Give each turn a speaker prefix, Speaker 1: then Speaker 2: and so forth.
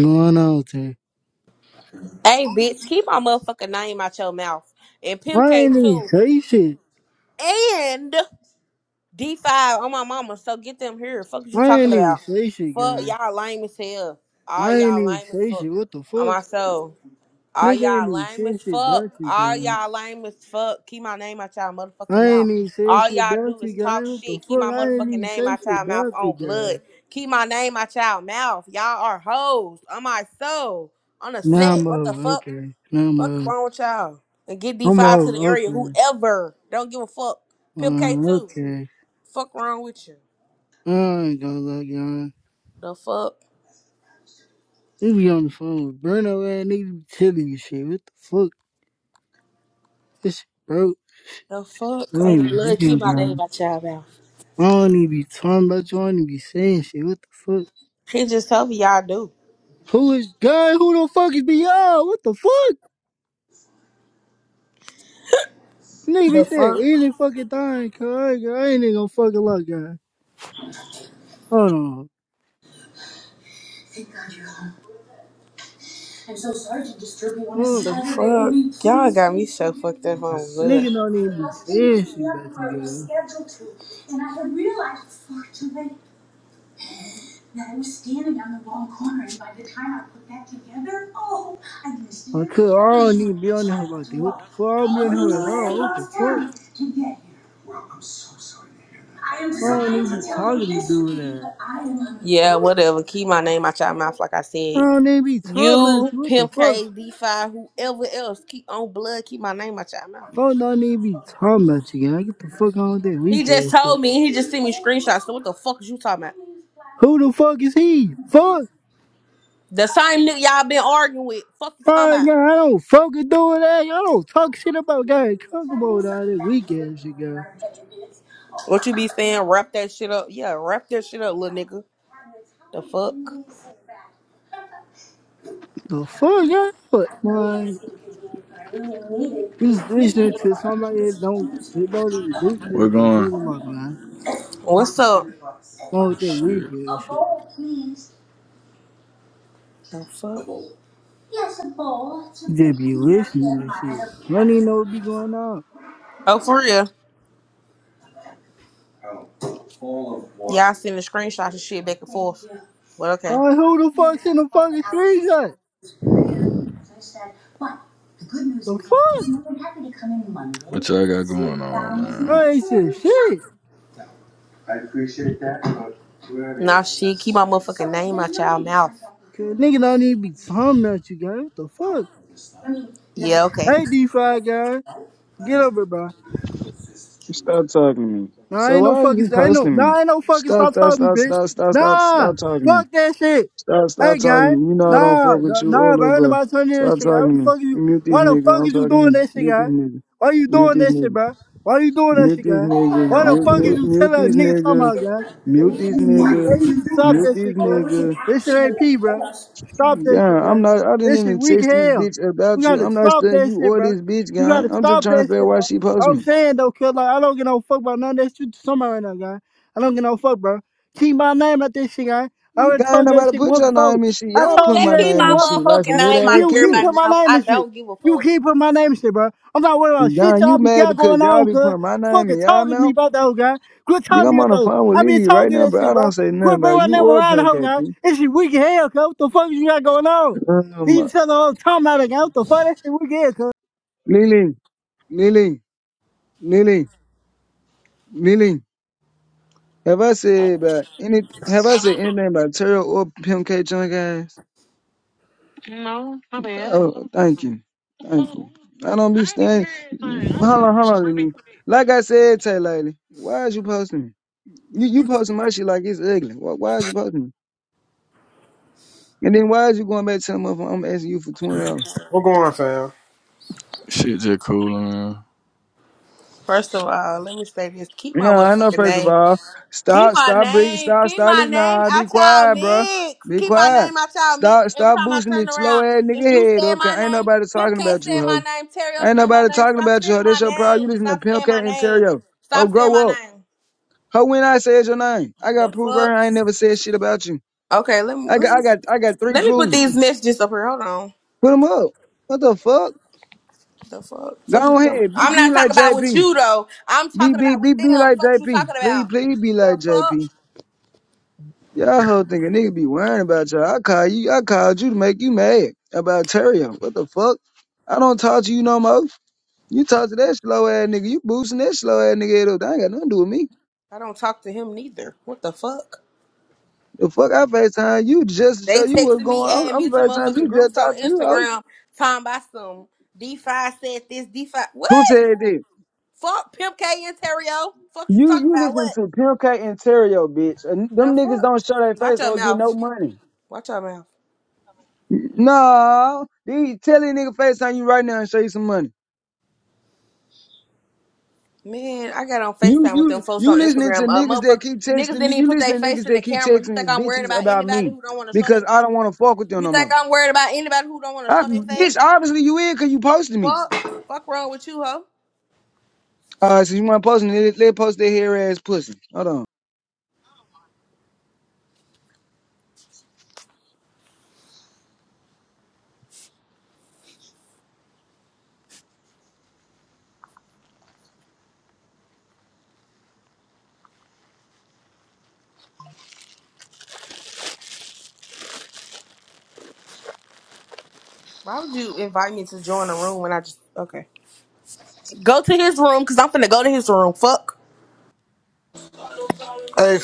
Speaker 1: going on, Tay?
Speaker 2: Hey, bitch, keep my motherfucking name out your mouth. And Pimp
Speaker 1: I
Speaker 2: K
Speaker 1: ain't even
Speaker 2: too.
Speaker 1: say shit.
Speaker 2: And D5 on my mama. So get them here. Fuck what you
Speaker 1: I
Speaker 2: talking
Speaker 1: ain't even
Speaker 2: about.
Speaker 1: say shit,
Speaker 2: Fuck
Speaker 1: gang.
Speaker 2: y'all lame as hell. All
Speaker 1: I ain't
Speaker 2: y'all
Speaker 1: even
Speaker 2: lame as
Speaker 1: say
Speaker 2: fuck.
Speaker 1: shit. What the
Speaker 2: On
Speaker 1: fuck?
Speaker 2: my soul. All
Speaker 1: Nigga ain't
Speaker 2: y'all
Speaker 1: even
Speaker 2: lame
Speaker 1: say
Speaker 2: as
Speaker 1: shit
Speaker 2: fuck.
Speaker 1: about you,
Speaker 2: All
Speaker 1: gang.
Speaker 2: y'all lame as fuck. Keep my name out y'all motherfucking
Speaker 1: I
Speaker 2: mouth.
Speaker 1: ain't even say
Speaker 2: All
Speaker 1: shit
Speaker 2: y'all do
Speaker 1: about you,
Speaker 2: is talk
Speaker 1: gang. What the
Speaker 2: shit. Keep
Speaker 1: fuck?
Speaker 2: my
Speaker 1: I ain't
Speaker 2: motherfucking
Speaker 1: even
Speaker 2: name
Speaker 1: say
Speaker 2: out
Speaker 1: shit
Speaker 2: y'all mouth
Speaker 1: about you,
Speaker 2: on blood.
Speaker 1: gang.
Speaker 2: Keep my name out y'all mouth. Y'all are hoes. On my soul. On the
Speaker 1: Now
Speaker 2: set.
Speaker 1: I'm
Speaker 2: What the
Speaker 1: over.
Speaker 2: fuck?
Speaker 1: Okay. Now I'm
Speaker 2: Fuck
Speaker 1: over.
Speaker 2: wrong with y'all? And get
Speaker 1: I'm
Speaker 2: D5 to
Speaker 1: over.
Speaker 2: the area,
Speaker 1: Okay.
Speaker 2: whoever. Don't give a fuck. Pimp K
Speaker 1: Uh,
Speaker 2: too.
Speaker 1: okay.
Speaker 2: Fuck wrong with you?
Speaker 1: I ain't gonna lie, gang.
Speaker 2: The fuck?
Speaker 1: You be on the phone with Bruno, ass nigga be telling you shit. What the fuck? This shit broke.
Speaker 2: The fuck?
Speaker 1: Wait a
Speaker 2: Oh, blood, keep
Speaker 1: minute,
Speaker 2: my
Speaker 1: gang.
Speaker 2: name out y'all mouth.
Speaker 1: I don't even be talking about you. I don't even be saying shit. What the fuck?
Speaker 2: He just told me y'all do.
Speaker 1: Who is God? Who the fuck is beyond? What the fuck? Nigga be
Speaker 2: The
Speaker 1: saying
Speaker 2: fuck?
Speaker 1: easy fucking time, cuz I ain't I ain't even gonna fucking lie, guy. Hold on.
Speaker 2: Thank God you're you home. I'm so sorry to disturb you on
Speaker 1: Well,
Speaker 2: The fuck? morning. Y'all got me so fucked up on blood.
Speaker 1: nigga don't even
Speaker 2: The
Speaker 1: be
Speaker 2: last time we
Speaker 1: saying shit
Speaker 2: slept
Speaker 1: about
Speaker 2: where it
Speaker 1: you,
Speaker 2: was
Speaker 1: guys.
Speaker 2: scheduled to, and I had realized far too late that I was standing on the wrong corner, and by the time I put that together, oh, I missed it
Speaker 1: I could, I don't
Speaker 2: entirely.
Speaker 1: even be on
Speaker 2: So
Speaker 1: the hell
Speaker 2: I had
Speaker 1: like
Speaker 2: to
Speaker 1: that. What the
Speaker 2: walk
Speaker 1: fuck? I don't be
Speaker 2: all
Speaker 1: on the hell
Speaker 2: the
Speaker 1: at
Speaker 2: way
Speaker 1: all. What the
Speaker 2: across town
Speaker 1: fuck?
Speaker 2: to get here. I am
Speaker 1: I don't
Speaker 2: trying
Speaker 1: even
Speaker 2: to
Speaker 1: be
Speaker 2: tell you
Speaker 1: talking to
Speaker 2: this,
Speaker 1: do with
Speaker 2: sweetie,
Speaker 1: that.
Speaker 2: but I am on the Yeah, whatever. Keep my name out your mouth, like I
Speaker 1: I
Speaker 2: said.
Speaker 1: don't even be talking about
Speaker 2: You,
Speaker 1: you. What the
Speaker 2: Pimp K,
Speaker 1: fuck?
Speaker 2: D5, whoever else, keep on blood, keep my name out your mouth.
Speaker 1: I don't even be talking about you, guy. Get the fuck on with that
Speaker 2: He
Speaker 1: weak
Speaker 2: just
Speaker 1: ass shit.
Speaker 2: told me, he just sent me screenshots. So what the fuck is you talking about?
Speaker 1: Who the fuck is he? Fuck!
Speaker 2: The same nigga y'all been arguing with. Fuck you talking
Speaker 1: Alright,
Speaker 2: about?
Speaker 1: girl, I don't fucking do that. Y'all don't talk shit about guy Kokomo down this weekend, shit, girl.
Speaker 2: What you be saying? Wrap that shit up. Yeah, wrap that shit up, little nigga. The fuck?
Speaker 1: The fuck, y'all? What, man? You listening to somebody that don't that don't even do to you
Speaker 3: We're
Speaker 1: what they
Speaker 3: going.
Speaker 1: fucking about, man.
Speaker 2: What's up?
Speaker 1: Not with their
Speaker 3: Shit.
Speaker 1: weekend shit.
Speaker 2: The fuck?
Speaker 1: You just be listening to shit. You don't even know what be going on.
Speaker 2: Oh, for real? Yeah, I seen the screenshots and shit back and forth. Well, okay.
Speaker 1: Alright, who the fuck's in the fucking streets at? The fuck?
Speaker 3: What y'all got going on, man?
Speaker 1: I ain't said shit.
Speaker 2: Nah, shit, keep my motherfucking name out y'all mouth.
Speaker 1: Cause nigga don't even be talking about you, guys. What the fuck?
Speaker 2: Yeah, okay.
Speaker 1: Hey, D5 guy, get over, bro.
Speaker 4: Stop talking to me.
Speaker 1: Nah, I
Speaker 4: So
Speaker 1: ain't
Speaker 4: why
Speaker 1: no
Speaker 4: are
Speaker 1: fucking.
Speaker 4: you
Speaker 1: I ain't no.
Speaker 4: posting me?
Speaker 1: Nah, I ain't no fucking.
Speaker 4: Stop,
Speaker 1: Stop
Speaker 4: stop,
Speaker 1: talking,
Speaker 4: stop,
Speaker 1: bitch.
Speaker 4: stop, stop, stop,
Speaker 1: Nah,
Speaker 4: stop talking to me.
Speaker 1: fuck that shit.
Speaker 4: Stop,
Speaker 1: Hey,
Speaker 4: stop talking to
Speaker 1: guy.
Speaker 4: me. You know I don't fuck
Speaker 1: Nah,
Speaker 4: with
Speaker 1: nah,
Speaker 4: you or
Speaker 1: nah,
Speaker 4: little
Speaker 1: bro. Ain't
Speaker 4: bro.
Speaker 1: nobody turning that
Speaker 4: Stop
Speaker 1: shit.
Speaker 4: talking
Speaker 1: How
Speaker 4: to
Speaker 1: the
Speaker 4: me.
Speaker 1: fuck is you?
Speaker 4: Mute this
Speaker 1: Why the
Speaker 4: nigga.
Speaker 1: fuck
Speaker 4: I'm
Speaker 1: is you
Speaker 4: talking to
Speaker 1: doing
Speaker 4: you.
Speaker 1: that shit,
Speaker 4: Mute this
Speaker 1: guy?
Speaker 4: nigga.
Speaker 1: Why you
Speaker 4: Mute
Speaker 1: doing
Speaker 4: this
Speaker 1: that shit,
Speaker 4: nigga.
Speaker 1: bro? Why you doing that
Speaker 4: Mute
Speaker 1: shit,
Speaker 4: this
Speaker 1: guy?
Speaker 4: nigga.
Speaker 1: Why the
Speaker 4: Mute,
Speaker 1: fuck is
Speaker 4: mute,
Speaker 1: you
Speaker 4: mute
Speaker 1: telling a
Speaker 4: this
Speaker 1: nigga talking
Speaker 4: nigga.
Speaker 1: about, guy?
Speaker 4: Mute this
Speaker 1: You, you, bro,
Speaker 4: nigga.
Speaker 1: you need to stop
Speaker 4: Mute
Speaker 1: that
Speaker 4: this
Speaker 1: shit, cuz.
Speaker 4: nigga.
Speaker 1: This shit ain't P, bro. Stop that
Speaker 4: Yeah,
Speaker 1: shit,
Speaker 4: I'm
Speaker 1: guys.
Speaker 4: not. I didn't
Speaker 1: This shit
Speaker 4: even
Speaker 1: weak as
Speaker 4: text this
Speaker 1: hell.
Speaker 4: bitch
Speaker 1: You
Speaker 4: about you.
Speaker 1: gotta
Speaker 4: I'm not
Speaker 1: stop
Speaker 4: studying
Speaker 1: that
Speaker 4: you
Speaker 1: shit,
Speaker 4: or
Speaker 1: bro.
Speaker 4: this bitch,
Speaker 1: You
Speaker 4: guy.
Speaker 1: gotta
Speaker 4: I'm just
Speaker 1: stop
Speaker 4: trying to
Speaker 1: that
Speaker 4: figure out
Speaker 1: shit,
Speaker 4: why
Speaker 1: bro.
Speaker 4: she post
Speaker 1: I'm
Speaker 4: me.
Speaker 1: saying though, cuz, like, I don't get no fuck about none of that shit to somebody right now, guy. I don't get no fuck, bro. Keep my name out this shit, guy. I already
Speaker 4: God ain't
Speaker 1: told you that
Speaker 4: nobody
Speaker 1: shit
Speaker 4: put
Speaker 1: once
Speaker 4: your
Speaker 1: before.
Speaker 4: name in shit.
Speaker 1: I
Speaker 4: Y'all
Speaker 2: Ooh,
Speaker 4: put
Speaker 1: told you
Speaker 2: that
Speaker 4: my
Speaker 1: that
Speaker 2: keep
Speaker 1: shit
Speaker 4: name
Speaker 2: my
Speaker 4: in
Speaker 1: once
Speaker 4: shit
Speaker 1: before,
Speaker 4: like
Speaker 2: motherfucking
Speaker 4: some
Speaker 1: guy.
Speaker 4: little
Speaker 2: name out
Speaker 4: ass
Speaker 2: of
Speaker 1: You keep putting
Speaker 2: everybody's
Speaker 4: kids.
Speaker 1: my
Speaker 2: mouth.
Speaker 1: name
Speaker 2: I
Speaker 1: and shit.
Speaker 2: don't give a
Speaker 1: You
Speaker 2: fuck.
Speaker 1: keep putting my name in shit, bro. I'm not worried about shit
Speaker 4: Young,
Speaker 1: y'all
Speaker 4: you
Speaker 1: be
Speaker 4: mad
Speaker 1: got
Speaker 4: because
Speaker 1: going
Speaker 4: y'all
Speaker 1: on,
Speaker 4: be
Speaker 1: cuz.
Speaker 4: putting my name
Speaker 1: Fucking
Speaker 4: in y'all
Speaker 1: talking to me
Speaker 4: mouth?
Speaker 1: about that hoe, guy. Quit
Speaker 4: Nigga,
Speaker 1: talking to
Speaker 4: I'm
Speaker 1: me
Speaker 4: on
Speaker 1: about
Speaker 4: the
Speaker 1: those.
Speaker 4: phone with
Speaker 1: I been
Speaker 4: Lily right
Speaker 1: told you
Speaker 4: now,
Speaker 1: that
Speaker 4: but I
Speaker 1: shit,
Speaker 4: don't
Speaker 1: bro.
Speaker 4: say nothing
Speaker 1: Quit bringing
Speaker 4: about
Speaker 1: my
Speaker 4: you
Speaker 1: name
Speaker 4: or
Speaker 1: around the
Speaker 4: Pimp
Speaker 1: hoe, guy.
Speaker 4: KP.
Speaker 1: This shit weak as hell, cuz. What the fuck you got going on? He
Speaker 4: Um,
Speaker 1: just said the whole time out again. What the fuck? That shit weak as hell, cuz.
Speaker 4: Lily, Lily, Lily, Lily. Have I said about any? Have I said anything about Terrell or Pimp K Junk guys? Oh, thank you, thank you. I don't be staying. Hold on, hold on, Lily. Like I said, Tay Lady, why is you posting me? You, you posting my shit like it's ugly. Why, why is you posting it? And then why is you going back to the motherfucker? I'm asking you for twenty dollars.
Speaker 5: What going on, fam?
Speaker 3: Shit just cool, man.
Speaker 2: First of all, let me say this. Keep my
Speaker 4: No, I know.
Speaker 2: motherfucking
Speaker 4: First of
Speaker 2: name.
Speaker 4: all,
Speaker 2: Keep
Speaker 4: stop,
Speaker 2: my
Speaker 4: stop bringing,
Speaker 2: name.
Speaker 4: stop,
Speaker 2: Keep
Speaker 4: stop.
Speaker 2: my
Speaker 4: it.
Speaker 2: name
Speaker 4: Nah, be
Speaker 2: out y'all
Speaker 4: quiet, bro.
Speaker 2: mix.
Speaker 4: Be
Speaker 2: Keep my
Speaker 4: quiet.
Speaker 2: name out y'all mix.
Speaker 4: Stop,
Speaker 2: Every
Speaker 4: stop
Speaker 2: time I
Speaker 4: boosting
Speaker 2: turn
Speaker 4: this slow
Speaker 2: around,
Speaker 4: ass
Speaker 2: is
Speaker 4: nigga
Speaker 2: you
Speaker 4: head.
Speaker 2: saying
Speaker 4: Okay,
Speaker 2: my
Speaker 4: ain't
Speaker 2: name?
Speaker 4: nobody
Speaker 2: Pimp
Speaker 4: talking
Speaker 2: K
Speaker 4: about you,
Speaker 2: saying my
Speaker 4: hoe.
Speaker 2: name. Terrio
Speaker 4: Ain't
Speaker 2: saying my
Speaker 4: nobody
Speaker 2: name.
Speaker 4: talking
Speaker 2: Stop
Speaker 4: about you.
Speaker 2: saying
Speaker 4: hoe.
Speaker 2: my
Speaker 4: That's your problem. You
Speaker 2: name.
Speaker 4: listen to
Speaker 2: Stop
Speaker 4: Pimp
Speaker 2: saying
Speaker 4: Cat
Speaker 2: my
Speaker 4: and
Speaker 2: name.
Speaker 4: Terrio. Ho,
Speaker 2: Stop saying my
Speaker 4: grow up.
Speaker 2: name.
Speaker 4: Ho, when I said your name, I
Speaker 2: The
Speaker 4: got proof right here.
Speaker 2: fuck?
Speaker 4: I ain't never said shit about you.
Speaker 2: Okay, let me
Speaker 4: I
Speaker 2: let
Speaker 4: got,
Speaker 2: me
Speaker 4: I got, I got three
Speaker 2: let me put
Speaker 4: proofs.
Speaker 2: these messages up here. Hold on.
Speaker 4: Put them up. What the fuck?
Speaker 2: The fuck? Fuck you
Speaker 4: Go
Speaker 2: talking-
Speaker 4: ahead. Be,
Speaker 2: I'm
Speaker 4: be
Speaker 2: not talking
Speaker 4: like
Speaker 2: about with
Speaker 4: JP.
Speaker 2: you though. I'm
Speaker 4: Be
Speaker 2: talking
Speaker 4: be
Speaker 2: about
Speaker 4: be
Speaker 2: with
Speaker 4: be
Speaker 2: them.
Speaker 4: like
Speaker 2: Fuck you
Speaker 4: JP.
Speaker 2: talking
Speaker 4: Please
Speaker 2: about?
Speaker 4: please be
Speaker 2: The
Speaker 4: like
Speaker 2: fuck?
Speaker 4: JP. Y'all whole think a nigga be worrying about y'all. I call you. I called you to make you mad about Terrio. What the fuck? I don't talk to you no more. You talk to that slow ass nigga. You boosting that slow ass nigga head up. That ain't got nothing to do with me.
Speaker 2: I don't talk to him neither. What the fuck?
Speaker 4: The fuck I FaceTime you just to
Speaker 2: They
Speaker 4: show you what's
Speaker 2: texted me,
Speaker 4: going on.
Speaker 2: adding me
Speaker 4: I'm
Speaker 2: to
Speaker 4: FaceTime
Speaker 2: motherfucking
Speaker 4: you just
Speaker 2: groups
Speaker 4: to talk
Speaker 2: on
Speaker 4: to you, hoe.
Speaker 2: Instagram, talking about some defi said this, defi. What?
Speaker 4: Who said that?
Speaker 2: Fuck Pimp K and Terrio. Fuck you
Speaker 4: You
Speaker 2: talking
Speaker 4: you
Speaker 2: about
Speaker 4: listen
Speaker 2: what?
Speaker 4: to Pimp K and Terrio, bitch. And
Speaker 2: The
Speaker 4: them niggas
Speaker 2: fuck?
Speaker 4: don't show their
Speaker 2: Watch
Speaker 4: face
Speaker 2: your
Speaker 4: or get no
Speaker 2: mouth.
Speaker 4: money.
Speaker 2: Watch your mouth.
Speaker 4: No, they tell these nigga FaceTime you right now and show you some money.
Speaker 2: Man, I got on
Speaker 4: You
Speaker 2: FaceTime with them
Speaker 4: you
Speaker 2: folks on
Speaker 4: you listening to
Speaker 2: Instagram. Uh,
Speaker 4: niggas that
Speaker 2: motherfucker,
Speaker 4: keep
Speaker 2: niggas
Speaker 4: texting
Speaker 2: didn't
Speaker 4: me.
Speaker 2: even
Speaker 4: You
Speaker 2: put their
Speaker 4: listening to
Speaker 2: face
Speaker 4: niggas
Speaker 2: in the
Speaker 4: that keep
Speaker 2: camera. You think
Speaker 4: texting
Speaker 2: I'm worried
Speaker 4: bitches
Speaker 2: about
Speaker 4: about
Speaker 2: anybody
Speaker 4: me
Speaker 2: who don't want to show their
Speaker 4: because I
Speaker 2: face?
Speaker 4: don't want to fuck with them
Speaker 2: You
Speaker 4: no
Speaker 2: think
Speaker 4: more.
Speaker 2: I'm worried about anybody who don't want to
Speaker 4: I,
Speaker 2: show their face?
Speaker 4: bitch, obviously you in because you posted me.
Speaker 2: Fuck. Fuck wrong with you, hoe?
Speaker 4: All right, so you want to post me? Let, let post that hair ass pussy. Hold on.
Speaker 2: Why would you invite me to join a room when I just okay? Go to his room because I'm finna go to his room. Fuck.
Speaker 5: Hey,